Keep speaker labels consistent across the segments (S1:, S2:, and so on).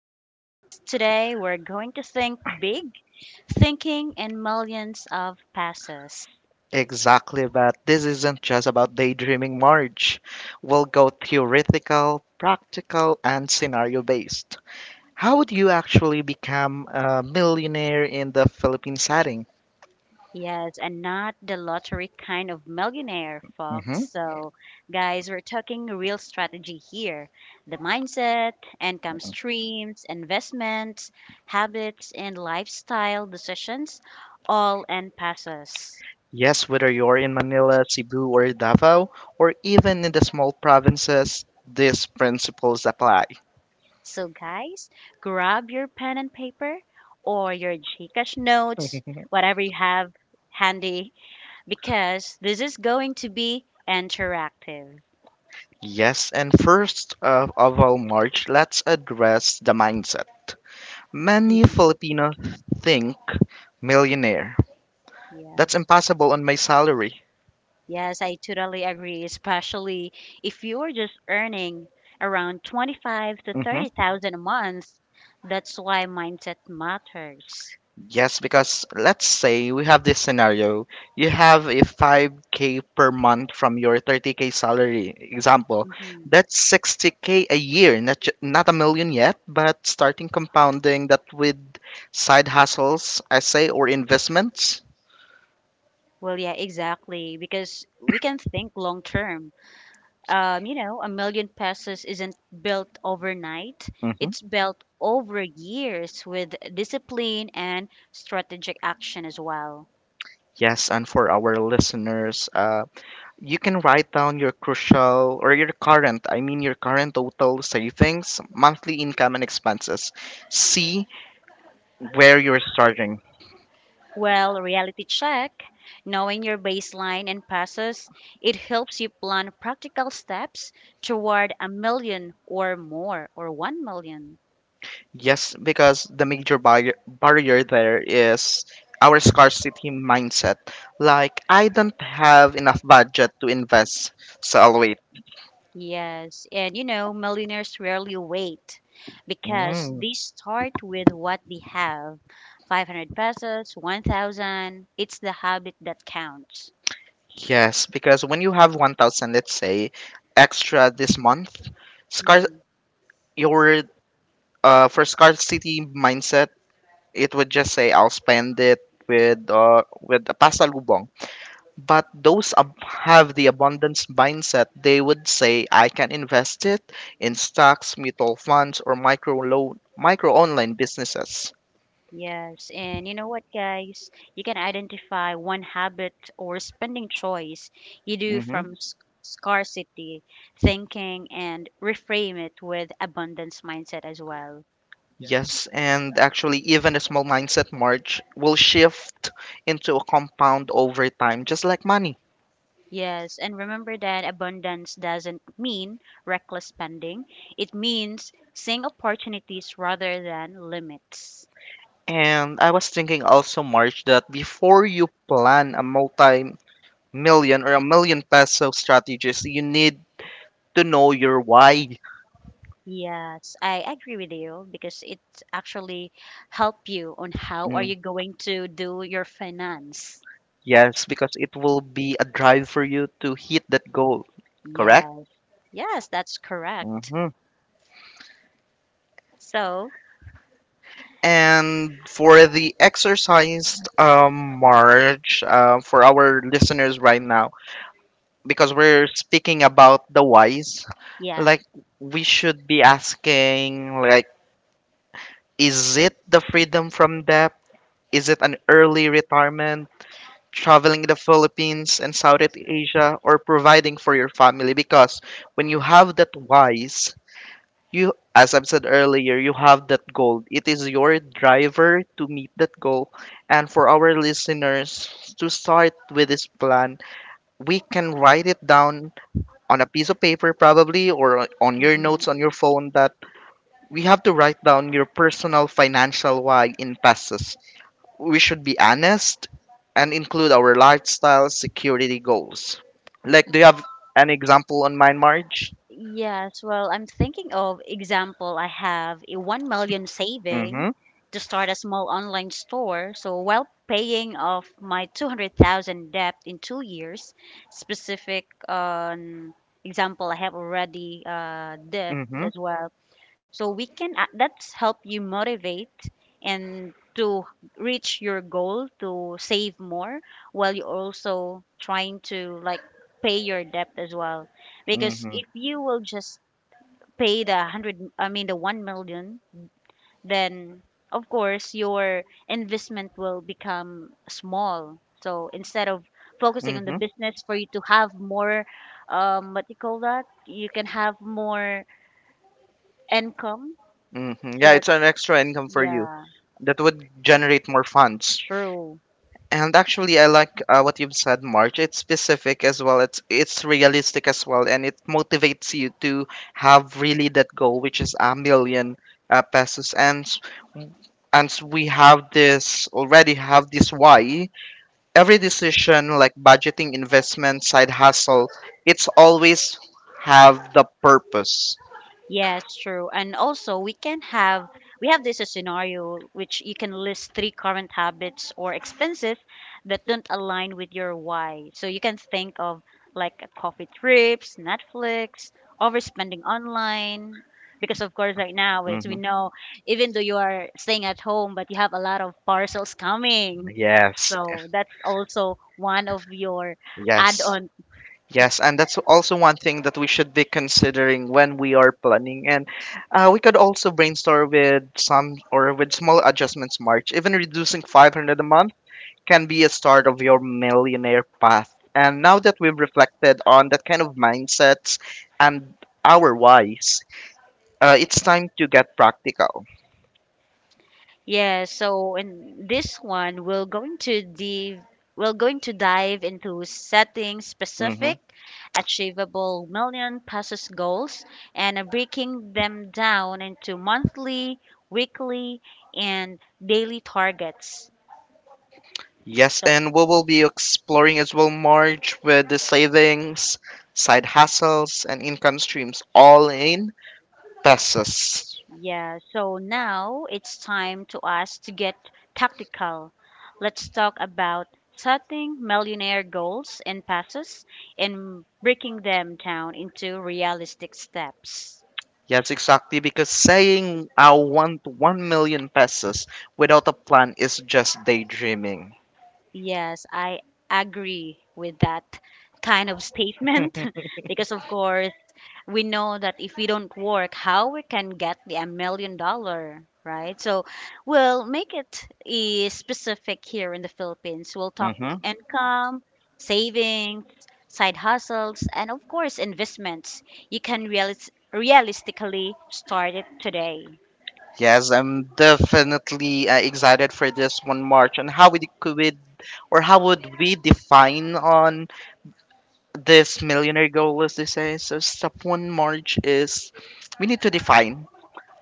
S1: and yes, today we're going to think big, thinking in millions of passes.
S2: Exactly, but this isn't just about daydreaming, Marge. We'll go theoretical, practical, and scenario based. How would you actually become a millionaire in the Philippine setting?
S1: Yes, and not the lottery kind of millionaire,
S2: hmm
S1: folks. So, guys, we're talking real strategy here, the mindset, income streams, investments, habits, and lifestyle decisions, all in passes.
S2: Yes, whether you're in Manila, Cebu, or Davao, or even in the small provinces, these principles apply.
S1: So, guys, grab your pen and paper or your Gcash notes, whatever you have handy, because this is going to be interactive.
S2: Yes, and first of all, March, let's address the mindset. Many
S1: Mhm.
S2: Filipinos think millionaire.
S1: Yeah.
S2: That's impossible on my salary.
S1: Yes, I totally agree, especially if you're just earning around 25 to
S2: hmm
S1: 30,000 a month. That's why mindset matters.
S2: Yes, because let's say we have this scenario. You have a 5k per month from your 30k salary. Example,
S1: Mhm.
S2: that's 60k a year. Not a million yet, but starting compounding that with side hustles, I say, or investments.
S1: Well, yeah, exactly, because we can think long term, a million pesos isn't built overnight.
S2: Mm-hmm.
S1: It's built over years with discipline and strategic action as well.
S2: Yes, and for our listeners, you can write down your crucial or your current, I mean your current total savings, monthly income, and expenses. See where you're starting.
S1: Well, reality check, knowing your baseline and passes, it helps you plan practical steps toward a million or more or 1 million.
S2: Yes, because the major barrier there is our scarcity mindset. Like, I don't have enough budget to invest, so I'll wait.
S1: Yes, and millionaires rarely wait because
S2: Mm,
S1: they start with what they have. 500 pesos, 1,000. It's the habit that counts.
S2: Yes, because when you have 1,000, let's say, extra this month, scar-
S1: Mm.
S2: your for scarcity mindset, it would just say I'll spend it with a pasalubong. But those have the abundance mindset, they would say I can invest it in stocks, mutual funds, or micro loan, micro online businesses.
S1: Yes, and you know what, guys? You can identify one habit or spending choice you do
S2: hmm
S1: from scarcity thinking and reframe it with abundance mindset as well.
S2: Yes, and actually, even a small mindset merge will shift into a compound over time, just like money.
S1: Yes, and remember that abundance doesn't mean reckless spending. It means seeing opportunities rather than limits.
S2: And I was thinking also, March, that before you plan a multi million or a million peso strategies, you need to know your why.
S1: Yes, I agree with you because it actually help you on how are
S2: Mm,
S1: you going to do your finance.
S2: yes, because it will be a drive for you to hit that goal, correct?
S1: Yes, yes, that's correct.
S2: hmm
S1: So,
S2: And for the exercise, march, for our listeners right now, because we're speaking about the whys,
S1: yeah.
S2: like we should be asking, like, is it the freedom from debt? Is it an early retirement? Traveling the Philippines and Southeast Asia, or providing for your family. Because when you have that wise, you, as I've said earlier, you have that goal. It is your driver to meet that goal. And for our listeners to start with this plan, we can write it down on a piece of paper, probably, or on your notes
S1: Mhm.
S2: on your phone, that we have to write down your personal financial why in pesos. We should be honest and include our lifestyle security goals. Like, do you have an example on mind, Marge?
S1: Yes, well, I'm thinking of example. I have a 1 million
S2: Mm-hmm.
S1: saving to start a small online store. So while paying off my 200,000 debt in 2 years, specific on example I have already debt
S2: Mm-hmm.
S1: as well. So we can that's help you motivate and to reach your goal to save more, while you're also trying to like pay your debt as well, because
S2: Mm-hmm.
S1: if you will just pay the 100, I mean the 1 million, then of course your investment will become small. So instead of focusing on the
S2: Mm-hmm.
S1: business for you to have more, what you call that, you can have more income,
S2: Mm-hmm.
S1: so
S2: Yeah,
S1: that,
S2: it's an extra income for you
S1: yeah,
S2: that would generate more funds.
S1: true.
S2: And actually, I like what you've said, March. It's specific as well. It's realistic as well, and it motivates you to have really that goal, which is a million pesos. And we have this already have this why. Every decision like budgeting, investment, side hustle, it's always have the purpose.
S1: Yes, true. And also, we have this a scenario which you can list three current habits or expenses that don't align with your why. So you can think of like a coffee trips, Netflix, overspending online. Because of course, right now, as
S2: hmm
S1: we know, even though you are staying at home, but you have a lot of parcels coming.
S2: yes,
S1: So that's also one of your, yes,
S2: yes,
S1: add-on.
S2: yes, and that's also one thing that we should be considering when we are planning. And we could also brainstorm with some or with small adjustments, march, even reducing 500 a month can be a start of your millionaire path. And now that we've reflected on that kind of mindsets and our whys, it's time to get practical.
S1: Yeah, so in this one, we're going to dive into setting
S2: hmm
S1: specific, achievable million pesos goals and, breaking them down into monthly, weekly, and daily targets.
S2: Yes,
S1: So,
S2: and we will be exploring as well, Marge, with the savings, side hustles, and income streams all in pesos.
S1: yeah, so now it's time to us to get tactical. Let's talk about setting millionaire goals and passes and breaking them down into realistic steps.
S2: Yes, exactly, because saying I want 1 million pesos without a plan is just daydreaming.
S1: Yes, I agree with that kind of statement because of course we know that if we don't work, how we can get the a million dollar, right? So we'll make it specific here in the Philippines. We'll talk
S2: hmm
S1: income, savings, side hustles, and of course investments. You can realistically start it today.
S2: Yes, I'm definitely excited for this one, March, and how we could, or how would we define on this millionaire goal list, they say. So step one, March, is we need to define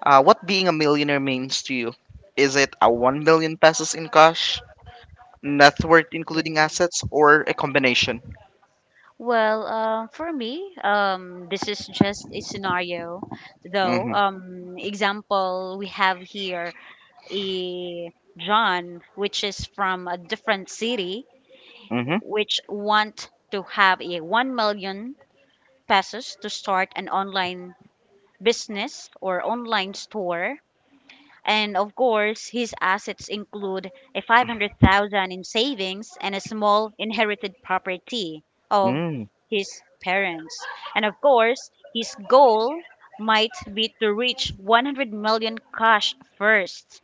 S2: what being a millionaire means to you. Is it a 1 million pesos in cash, net worth
S1: Yeah.
S2: including assets, or a combination?
S1: Well, for me, this is just a scenario, though.
S2: Mm-hmm.
S1: Example we have here a John, which is from a different city,
S2: Mm-hmm.
S1: which want to have a 1 million pesos to start an online business or online store. And of course, his assets include a 500,000 in savings and a small inherited property of
S2: Mm,
S1: his parents. And of course, his goal might be to reach 100 million cash first.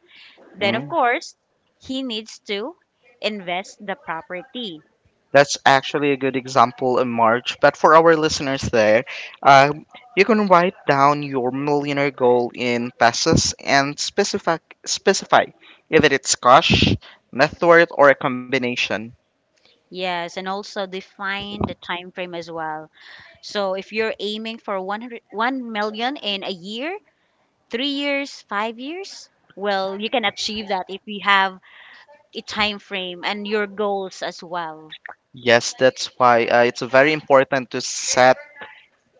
S1: Then, of
S2: mm.
S1: course, he needs to invest the property.
S2: That's actually a good example in March. But for our listeners there, uh, you can write down your millionaire goal in pesos and specify if it's cash, net worth, or a combination.
S1: Yes, and also define the time frame as well. So if you're aiming for 100, 1 million in a year, 3 years, 5 years, well, you can achieve that if you have a time frame and your goals as well.
S2: Yes, that's why it's very important to set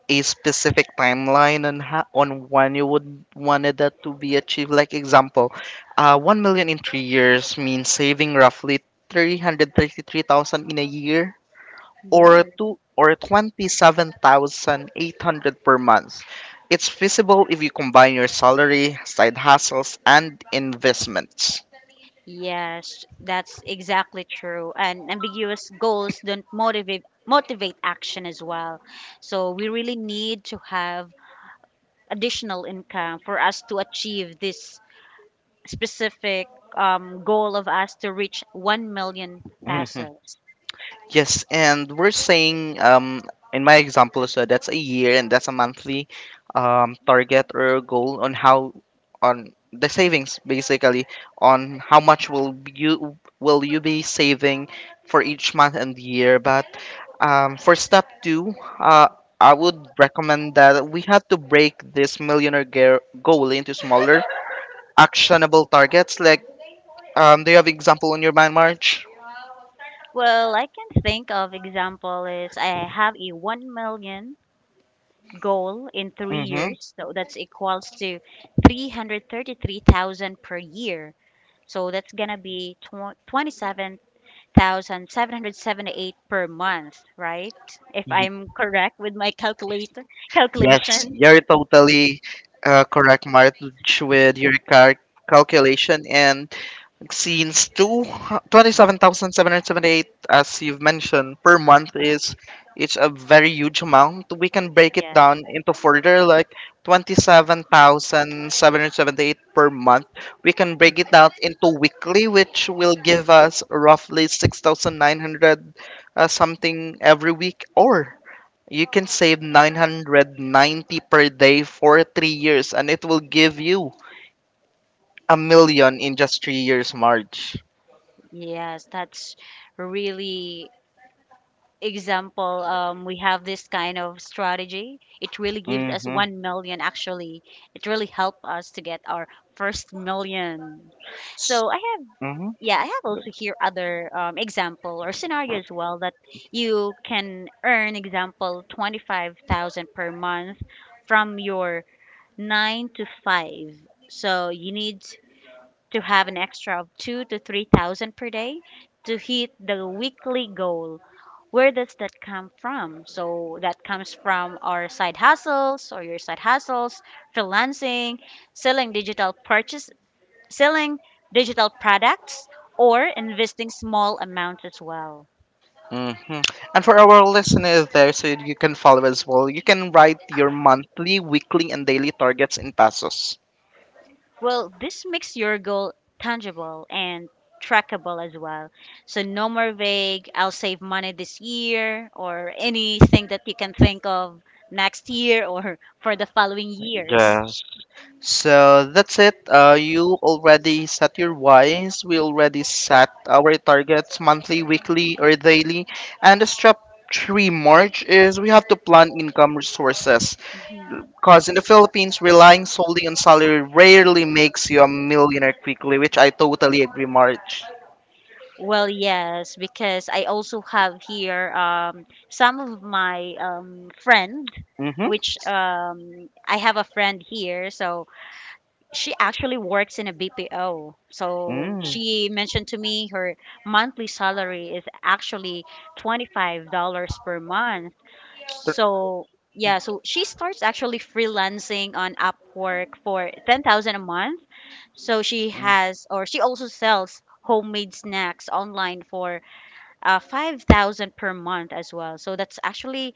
S2: a specific timeline on how, on when you would wanted that to be achieved. Like example, 1 million in 3 years means saving roughly 333,000 in a year, or
S1: Yes.
S2: two or twenty-seven thousand eight hundred per month. It's feasible if you combine your salary, side hustles, and investments.
S1: Yes, that's exactly true. And ambiguous goals don't motivate action as well. So we really need to have additional income for us to achieve this specific goal of us to reach 1 million
S2: Mm-hmm.
S1: pesos?
S2: Yes, and we're saying in my example, so that's a year and that's a monthly target or goal on how, on the savings basically, on how much will you be saving for each month and year. But for step 2, uh I would recommend that we have to break this millionaire goal into smaller actionable targets, like, do you have example on your mind, March?
S1: Well, I can think of example is I have a 1 million goal in three
S2: Mhm.
S1: years. So that's equals to 333,000 per year. So that's going to be 27,778 per month, right? If I'm correct with my calculator
S2: Yes,
S1: calculation.
S2: you're totally correct, March, with your calculation. And since two twenty-seven thousand seven hundred seventy-eight, as you've mentioned, per month, is it's a very huge amount. We can break it
S1: Yeah.
S2: down into further, like 27,778 per month. We can break it
S1: Mhm.
S2: down into weekly, which will give us roughly 6,900 something every week, or you can save 990 per day for 3 years, and it will give you a million in just 3 years, March.
S1: Yes, that's really example. We have this kind of strategy. It really gives us 1 million actually. It really helped us to get our first million. So I have,
S2: hmm
S1: yeah, I have also here other example or scenario as well that you can earn example 25,000 per month from your nine to five. So you need to have an extra of two to three thousand per day to hit the weekly goal. Where does that come from? So that comes from our side hustles or your side hustles, freelancing, selling digital purchase, selling digital products, or investing small amounts as well.
S2: hmm And for our listeners there, so you can follow as well, you can write your monthly, weekly, and daily targets in pesos.
S1: Well, this makes your goal tangible and trackable as well. So no more vague, I'll save money this year or anything that you can think of next year or for the following years.
S2: Yes. So that's it. You already set your whys. We already set our targets monthly, weekly, or daily. And the step three, March, is we have to plan income resources.
S1: Mhm.
S2: Because in the Philippines, relying solely on salary rarely makes you a millionaire quickly, which I totally agree, March.
S1: Well, yes, because I also have here some of my friend,
S2: Mm-hmm.
S1: which I have a friend here, so she actually works in a BPO. So
S2: Mm.
S1: she mentioned to me her monthly salary is actually $25 per month. So yeah, so she starts actually freelancing on Upwork for 10,000 a month. So she
S2: Tr-
S1: has or she also sells homemade snacks online for 5,000 per month as well. So that's actually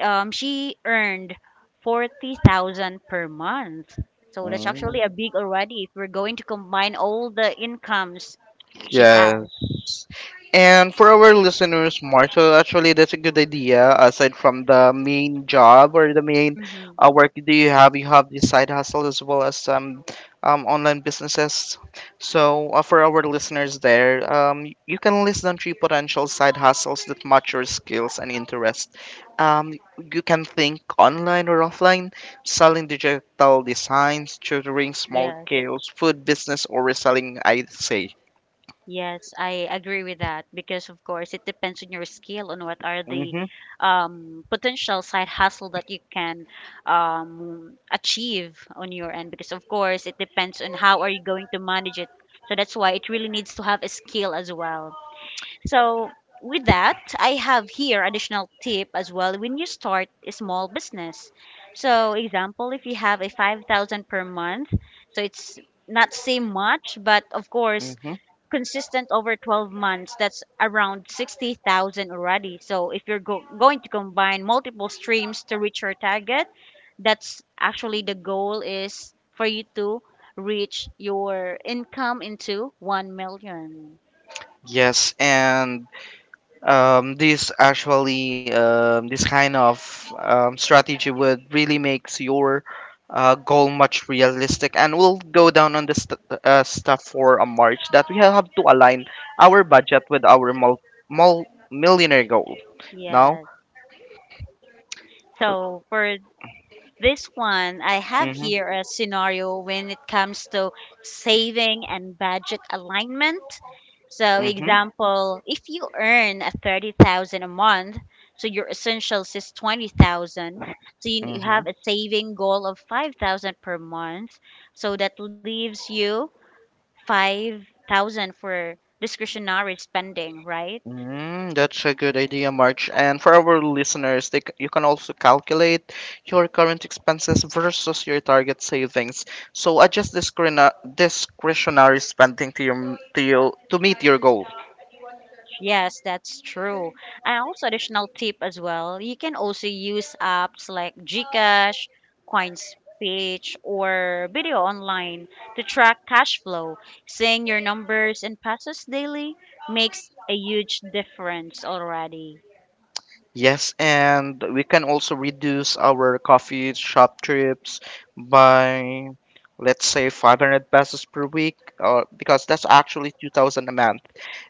S1: she earned 40,000 per month. So that's
S2: mm.
S1: actually a big already if we're going to combine all the incomes she has.
S2: Yes. And for our listeners, Marshall, actually, that's a good idea. Aside from the main job or the main
S1: Hmm.
S2: work do you have the side hustle as well as some online businesses. So for our listeners there, you can list down three potential side hustles that match your skills and interest. You can think online or offline, selling digital designs, tutoring, small scales, food business, or reselling, I'd say.
S1: Yes, I agree with that because, of course, it depends on your skill on what are the
S2: Mhm.
S1: potential side hustle that you can achieve on your end. Because, of course, it depends on how are you going to manage it. So that's why it really needs to have a skill as well. So with that, I have here additional tip as well when you start a small business. So example, if you have a 5,000 per month, so it's not say much, but of course
S2: Mm-hmm.
S1: consistent over 12 months, that's around 60,000 already. So if you're going to combine multiple streams to reach your target, that's actually the goal is for you to reach your income into 1 million.
S2: Yes, and this actually, this kind of strategy would really makes your goal much realistic, and we'll go down on this stuff for a March, that we have to align our budget with our mul- millionaire goal. Now,
S1: Yes. So for this one, I have
S2: mm-hmm,
S1: here a scenario when it comes to saving and budget alignment. So,
S2: mm-hmm,
S1: example, if you earn a 30,000 a month, so your essentials is 20,000. So you
S2: mm-hmm.
S1: have a saving goal of 5,000 per month. So that leaves you 5,000 for discretionary spending, right?
S2: That's a good idea, March. And for our listeners, you can also calculate your current expenses versus your target savings. So adjust discretionary spending to you to meet your goal.
S1: Yes, that's true. And also additional tip as well, you can also use apps like GCash, CoinSpeech, or Video Online to track cash flow. Seeing your numbers and passes daily makes a huge difference already.
S2: Yes, and we can also reduce our coffee shop trips by, let's say, 500 pesos per week, or because that's actually 2,000 a month.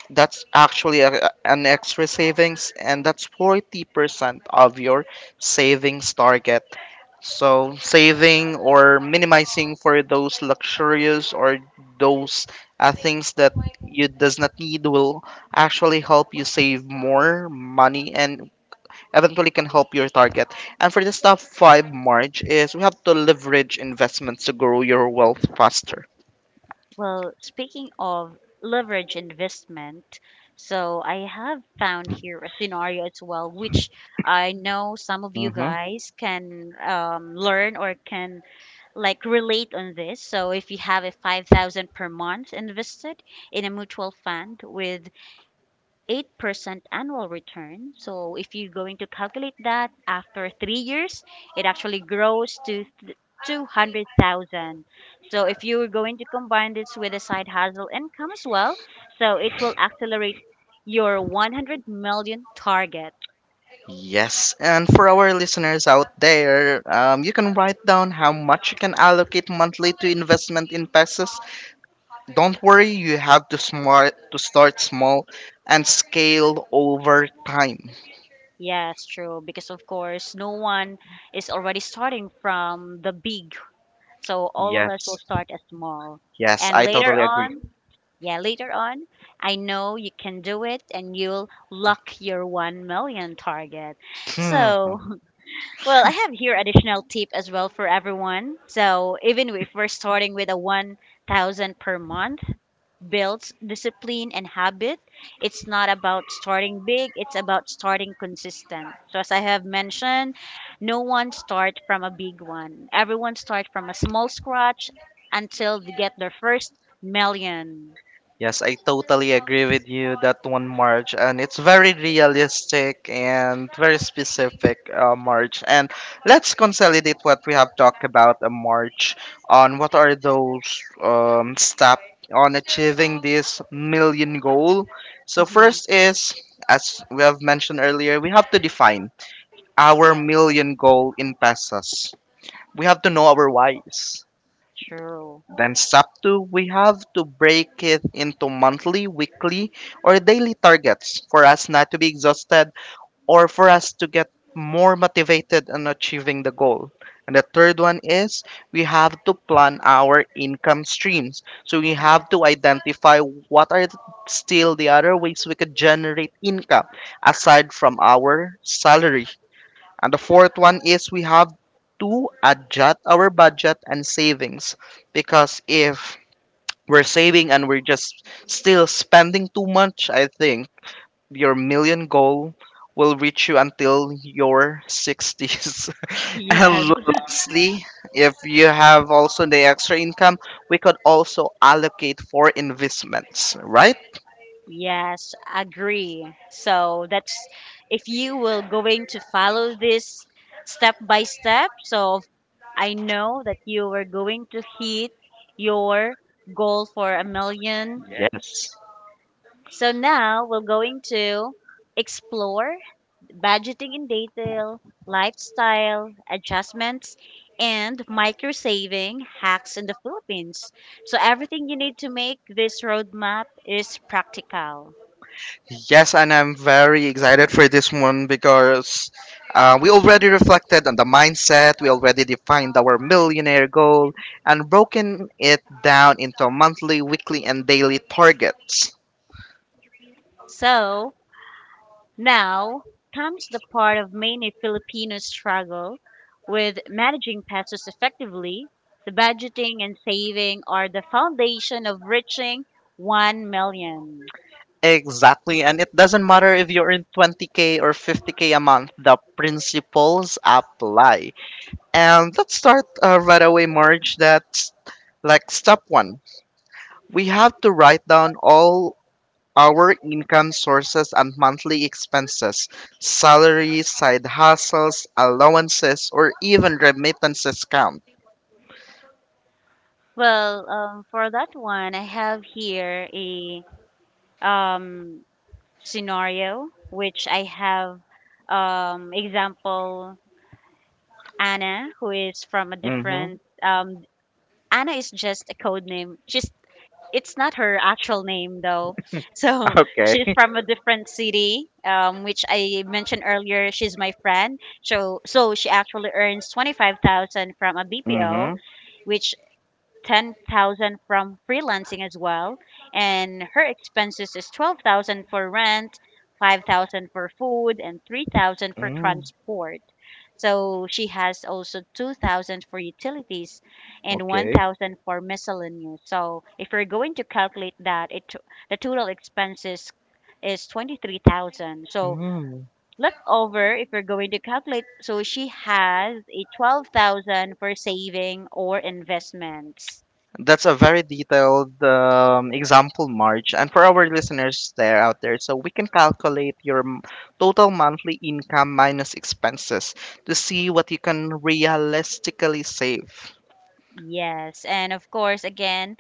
S2: That's actually an extra savings, and that's 40% of your savings target. So, saving or minimizing for those luxurious or those things that you does not need will actually help you save more money, and eventually can help your target. And for this top five, Marge, is we have to leverage investments to grow your wealth faster.
S1: Well, speaking of leverage investment, so I have found here a scenario as well, which I know some of you guys can learn or can like relate on this. So if you have a 5,000 per month invested in a mutual fund with 8% annual return, so if you're going to calculate that after 3 years, it actually grows to 200,000. So if you were going to combine this with a side hustle income as well, so it will accelerate your 100 million target.
S2: Yes, and for our listeners out there, you can write down how much you can allocate monthly to investment in pesos. Don't worry, you have to smart to start small and scale over time.
S1: Yes, true. Because of course, no one is already starting from the big. So all of us will
S2: Yes,
S1: start as small.
S2: yes,
S1: And
S2: I totally agree.
S1: yeah, later on, I know you can do it and you'll lock your 1 million target.
S2: Hmm.
S1: So, well, I have here additional tip as well for everyone. So, even if we're starting with a 1,000 per month, builds discipline and habit. It's not about starting big, it's about starting consistent. So, as I have mentioned, no one starts from a big one, everyone starts from a small scratch until they get their first 1,000,000.
S2: Yes, I totally agree with you that one, March, and it's very realistic and very specific, March. And let's consolidate what we have talked about a March on what are those steps on achieving this million goal. So
S1: Mm-hmm.
S2: first is, as we have mentioned earlier, we have to define our
S1: Yes,
S2: million goal in pesos. We have to know our whys.
S1: true.
S2: Then step two, we have to break it into monthly, weekly, or daily targets for us not to be exhausted or for us to get more motivated in achieving the goal. And the third one is we have to plan our income streams. So we have to
S1: Yes.
S2: identify what are still the other ways we could generate income aside from our salary. And the fourth one is we have to adjust our budget and savings, because if we're saving and we're just still spending too much, I think your million goal will reach you until your 60s.
S1: Yes.
S2: And lastly, if you have also the extra income, we could also allocate for investments, right?
S1: Yes, agree. So that's if you will going to follow this step by step. So I know that you were going to hit your goal for a million. Yeah.
S2: Yes.
S1: So now we're going to explore budgeting in detail, lifestyle adjustments, and micro saving hacks in the Philippines. So everything you need to make this roadmap is practical.
S2: Yes, and I'm very excited for this one because we already reflected on the mindset, we already defined our millionaire goal, and broken it down into monthly, weekly, and daily targets.
S1: So now comes the part of many Filipinos struggle with managing pesos effectively. The budgeting and saving are the foundation of reaching 1 million.
S2: Exactly, and it doesn't matter if you earn 20k or 50k a month, the principles apply. And let's start right away, Marge. That's like step one. We have to write down all our income sources and monthly expenses, salary, side hustles, allowances, or even remittances count.
S1: Well, for that one, I have here a um, scenario which I have example Anna, who is from a
S2: Mm-hmm.
S1: different. Anna is just a code name. She's It's not her actual name though. So. Okay.
S2: Okay.
S1: She's from a different city, which I mentioned earlier. She's my friend. So she actually earns 25,000 from a BPO,
S2: Mm-hmm.
S1: which 10,000 from freelancing as well, and her expenses is 12,000 for rent, 5,000 for food, and 3,000 for
S2: Mm.
S1: transport. So she has also 2,000 for utilities and
S2: Okay.
S1: 1,000 for miscellaneous. So if we're going to calculate that, it the total expenses is 23,000. So
S2: Mm.
S1: left over, if we're going to calculate, so she has a 12,000 for saving or investments.
S2: That's a very detailed example, March. And for our listeners there out there, so we can calculate your total monthly income minus expenses to see what you can realistically save.
S1: Yes, and of course, again,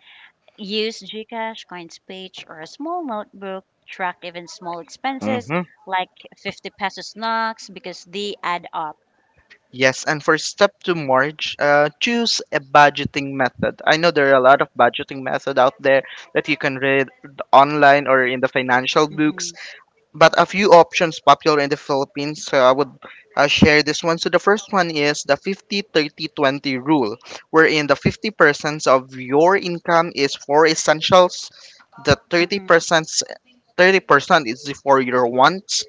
S1: use Gcash, CoinSpeech, or a small notebook. Track even small expenses
S2: Mm-hmm.
S1: like 50 pesos knocks because they add up.
S2: Yes, and for step two, March, choose a budgeting method. I know there are a lot of budgeting method out there that you can read online or in the financial books,
S1: Hmm,
S2: but a few options popular in the Philippines. So I would share this one. So the first one is the 50/30/20 rule, wherein the 50% of your income is for essentials, the
S1: hmm, hmm.
S2: 30% is for your wants,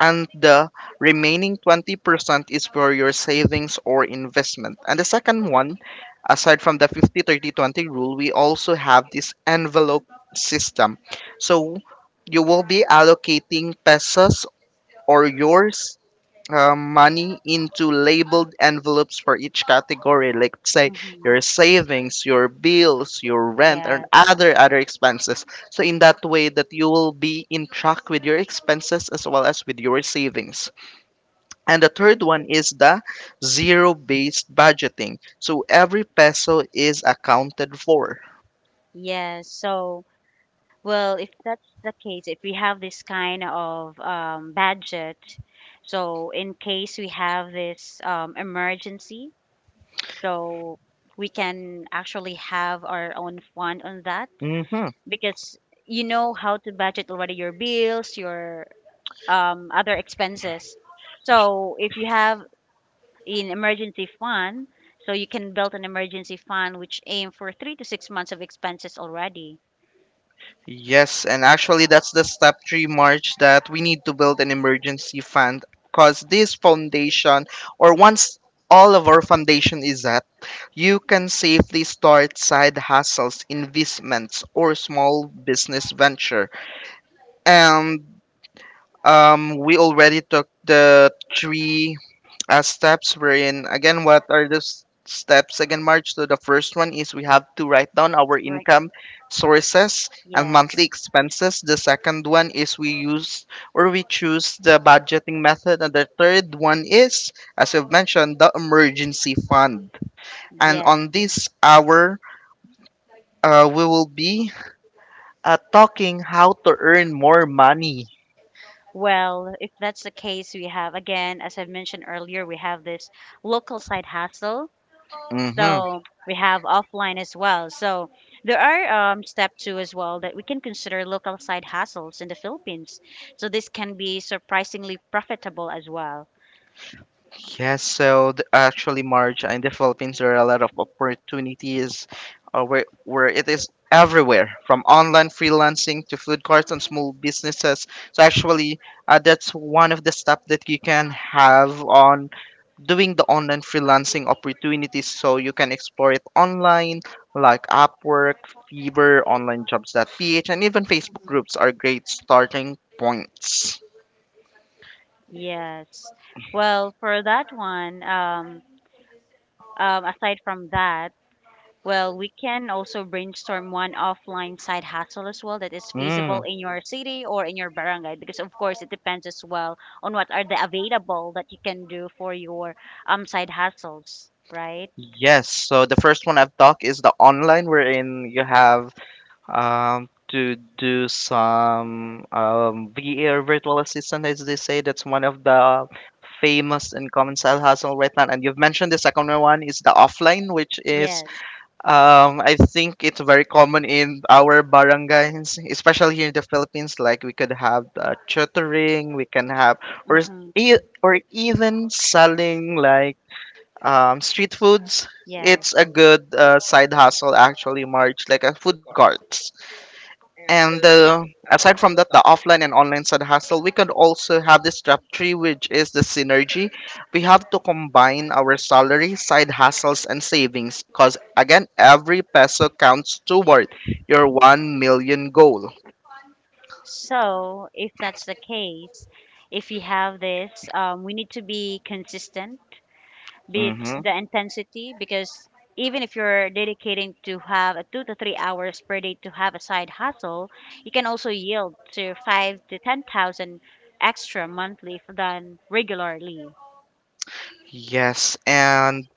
S2: and the remaining 20% is for your savings or investment. And the second one, aside from the 50/30/20 rule, we also have this envelope system. So you will be allocating pesos or your money into labeled envelopes for each category, like say your savings, your bills, your rent, and
S1: Yes.
S2: other expenses. So in that way that you will be in track with your expenses as well as with your savings. And the third one is the zero based budgeting, so every peso is accounted for.
S1: Yes. So, well, if that's the case, if we have this kind of budget, so in case we have this emergency, so we can actually have our own fund on that
S2: hmm
S1: because you know how to budget already your bills, your other expenses. So if you have an emergency fund, so you can build an emergency fund which aim for 3 to 6 months of expenses already.
S2: Yes, and actually, that's the step three, march, that we need to build an emergency fund because this foundation, or once all of our foundation is at, you can safely start side hustles, investments, or small business venture. And we already took the three steps we're in. Again, what are the steps again, March? So the first one is we have to write down our
S1: Right.
S2: income sources and
S1: Yes,
S2: monthly expenses. The second one is we use or we choose the budgeting method. And the third one is, as you've mentioned, the emergency fund. And
S1: yes.
S2: on this hour, we will be talking how to earn more money.
S1: Well, if that's the case, we have, again, as I've mentioned earlier, we have this local side hustle.
S2: Mm-hmm.
S1: So we have offline as well. So there are step two as well that we can consider local side hustles in the Philippines. So this can be surprisingly profitable as well.
S2: Yes, so the, actually, Marge, in the Philippines, there are a lot of opportunities where it is everywhere from online freelancing to food carts and small businesses. So, actually, that's one of the steps that you can have on doing the online freelancing opportunities. So, you can explore it online, like Upwork, Fiverr, onlinejobs.ph, and even Facebook groups are great starting points.
S1: Yes. Well, for that one, aside from that, well, we can also brainstorm one offline side hustle as well that is feasible
S2: Mm.
S1: in your city or in your barangay because of course it depends as well on what are the available that you can do for your side hustles, right?
S2: Yes, so the first one I've talked is the online, wherein you have to do some VA or virtual assistant, as they say. That's one of the famous and common side hustle right now. And you've mentioned the second one is the offline, which is,
S1: Yes.
S2: I think it's very common in our barangays, especially here in the Philippines. Like we could have tutoring, we can have or
S1: Mm-hmm.
S2: or even selling like street foods.
S1: Yes.
S2: It's a good side hustle actually, March, like a food carts. And aside from that, the offline and online side hustle, we could also have this job tree, which is the synergy. We have to combine our salary, side hustles, and savings because, again, every peso counts toward your 1 million goal.
S1: So, if that's the case, if you have this, we need to be consistent be it
S2: hmm
S1: the intensity because even if you're dedicating to have a 2 to 3 hours per day to have a side hustle, you can also yield to five to ten thousand extra monthly than regularly.
S2: Yes, and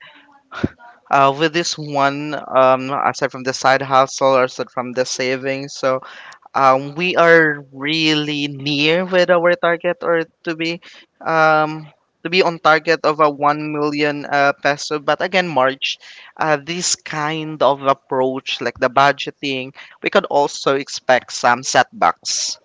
S2: with this one, aside from the side hustle or aside from the savings, so, we are really near with our target, or um, to be on target of a 1 million peso. But again, March, this kind of approach, like the budgeting, we could also expect some setbacks,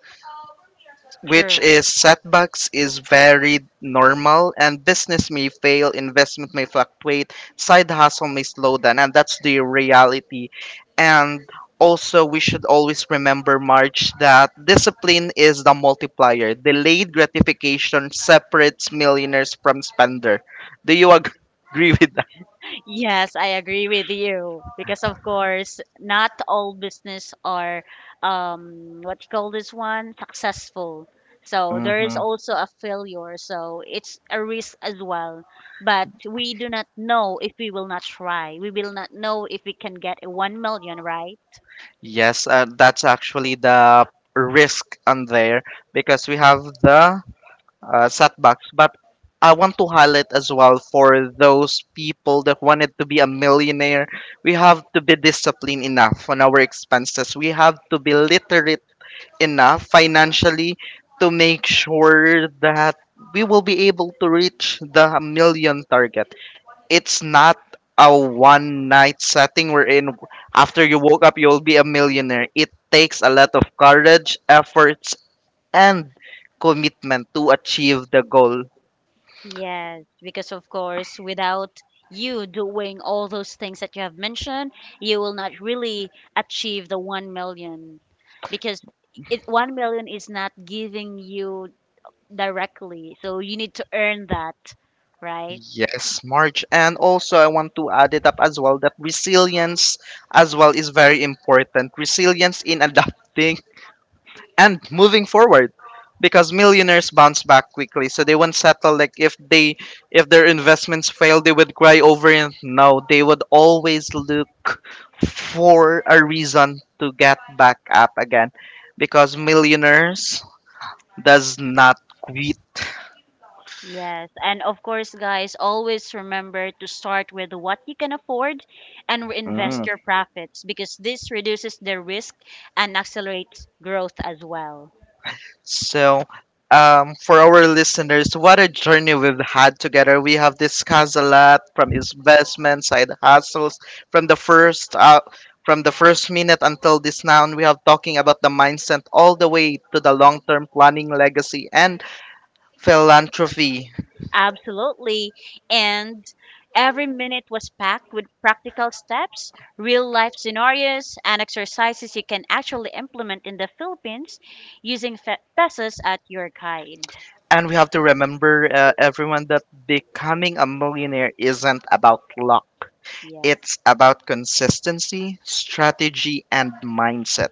S2: which
S1: True.
S2: is setbacks is very normal. And business may fail, investment may fluctuate, side hustle may slow down, and that's the reality. And also, we should always remember, March, that discipline is the multiplier. Delayed gratification separates millionaires from spender. Do you agree with that?
S1: Yes, I agree with you because of course not all business are what you call this one successful. So there is
S2: hmm
S1: also a failure. So it's a risk as well. But we do not know if we will not try. We will not know if we can get a 1 million, right?
S2: Yes, that's actually the risk on there because we have the setbacks. But I want to highlight as well for those people that wanted to be a millionaire, we have to be disciplined enough on our expenses. We have to be literate enough financially to make sure that we will be able to reach the million target. It's not a one night setting wherein after you woke up you'll be a millionaire. It takes a lot of courage, efforts, and commitment to achieve the goal.
S1: Yes, because of course, without you doing all those things that you have mentioned, you will not really achieve the 1 million because it 1 million is not giving you directly. So you need to earn that, right?
S2: Yes, March. And also, I want to add it up as well that resilience as well is very important. Resilience in adapting and moving forward because millionaires bounce back quickly, so they won't settle. Like if they, if their investments fail, they would cry over it. No, they would always look for a reason to get back up again because millionaires does not quit.
S1: Yes. And of course, guys, always remember to start with what you can afford and
S2: Mm.
S1: reinvest your profits because this reduces the risk and accelerates growth as well.
S2: So, for our listeners, what a journey we've had together. We have discussed a lot from investment, side hustles, from the first from the first minute until this now. And we have talking about the mindset all the way to the long-term planning, legacy, and philanthropy.
S1: Absolutely. And every minute was packed with practical steps, real life scenarios, and exercises you can actually implement in the Philippines using pesos at your guide.
S2: And we have to remember, everyone, that becoming a millionaire isn't about luck.
S1: Yes.
S2: It's about consistency, strategy, and mindset.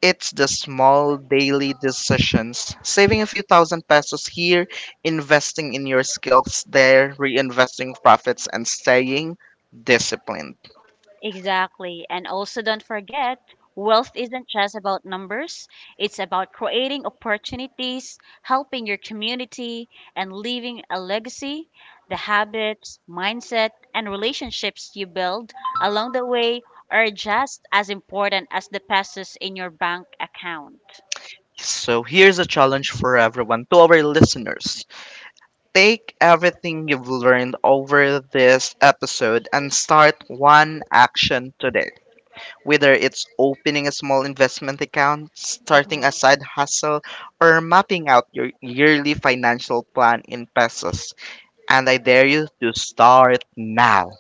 S2: It's the small daily decisions, saving a few thousand pesos here, investing in your skills there, reinvesting profits, and staying disciplined.
S1: Exactly. And also don't forget, wealth isn't just about numbers, it's about creating opportunities, helping your community, and leaving a legacy. The habits, mindset, and relationships you build along the way are just as important as the pesos in your bank account.
S2: So here's a challenge for everyone to our listeners. Take everything you've learned over this episode and start one action today. Whether it's opening a small investment account, starting
S1: Mhm.
S2: a side hustle, or mapping out your yearly financial plan in pesos. And I dare you to start now.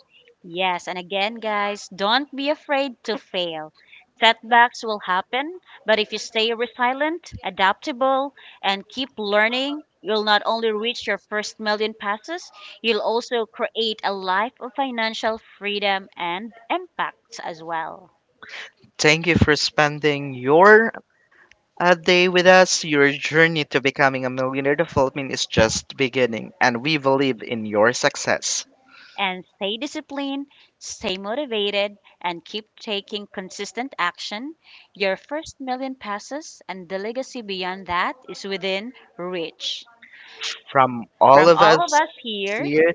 S1: Yes, and again, guys, don't be afraid to fail. Setbacks will happen, but if you stay resilient, adaptable, and keep learning, you'll not only reach your first million passes, you'll also create a life of financial freedom and impact as well.
S2: Thank you for spending your day with us. Your journey to becoming a millionaire development is just beginning, and we believe in your success.
S1: And stay disciplined, stay motivated, and keep taking consistent action. Your first million passes and the legacy beyond that is within reach.
S2: From all
S1: From
S2: of
S1: all of
S2: us
S1: us here,
S2: here,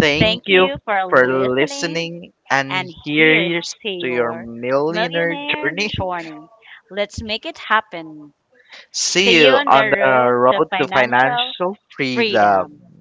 S2: thank
S1: thank
S2: you
S1: you for
S2: for
S1: listening.
S2: listening, and
S1: And here's
S2: here's
S1: to
S2: to your
S1: your
S2: millionaire
S1: millionaire
S2: journey.
S1: journey. Let's make it happen. See
S2: See
S1: you
S2: you
S1: on
S2: on
S1: the
S2: the
S1: road to
S2: road to
S1: financial
S2: financial
S1: freedom.
S2: freedom.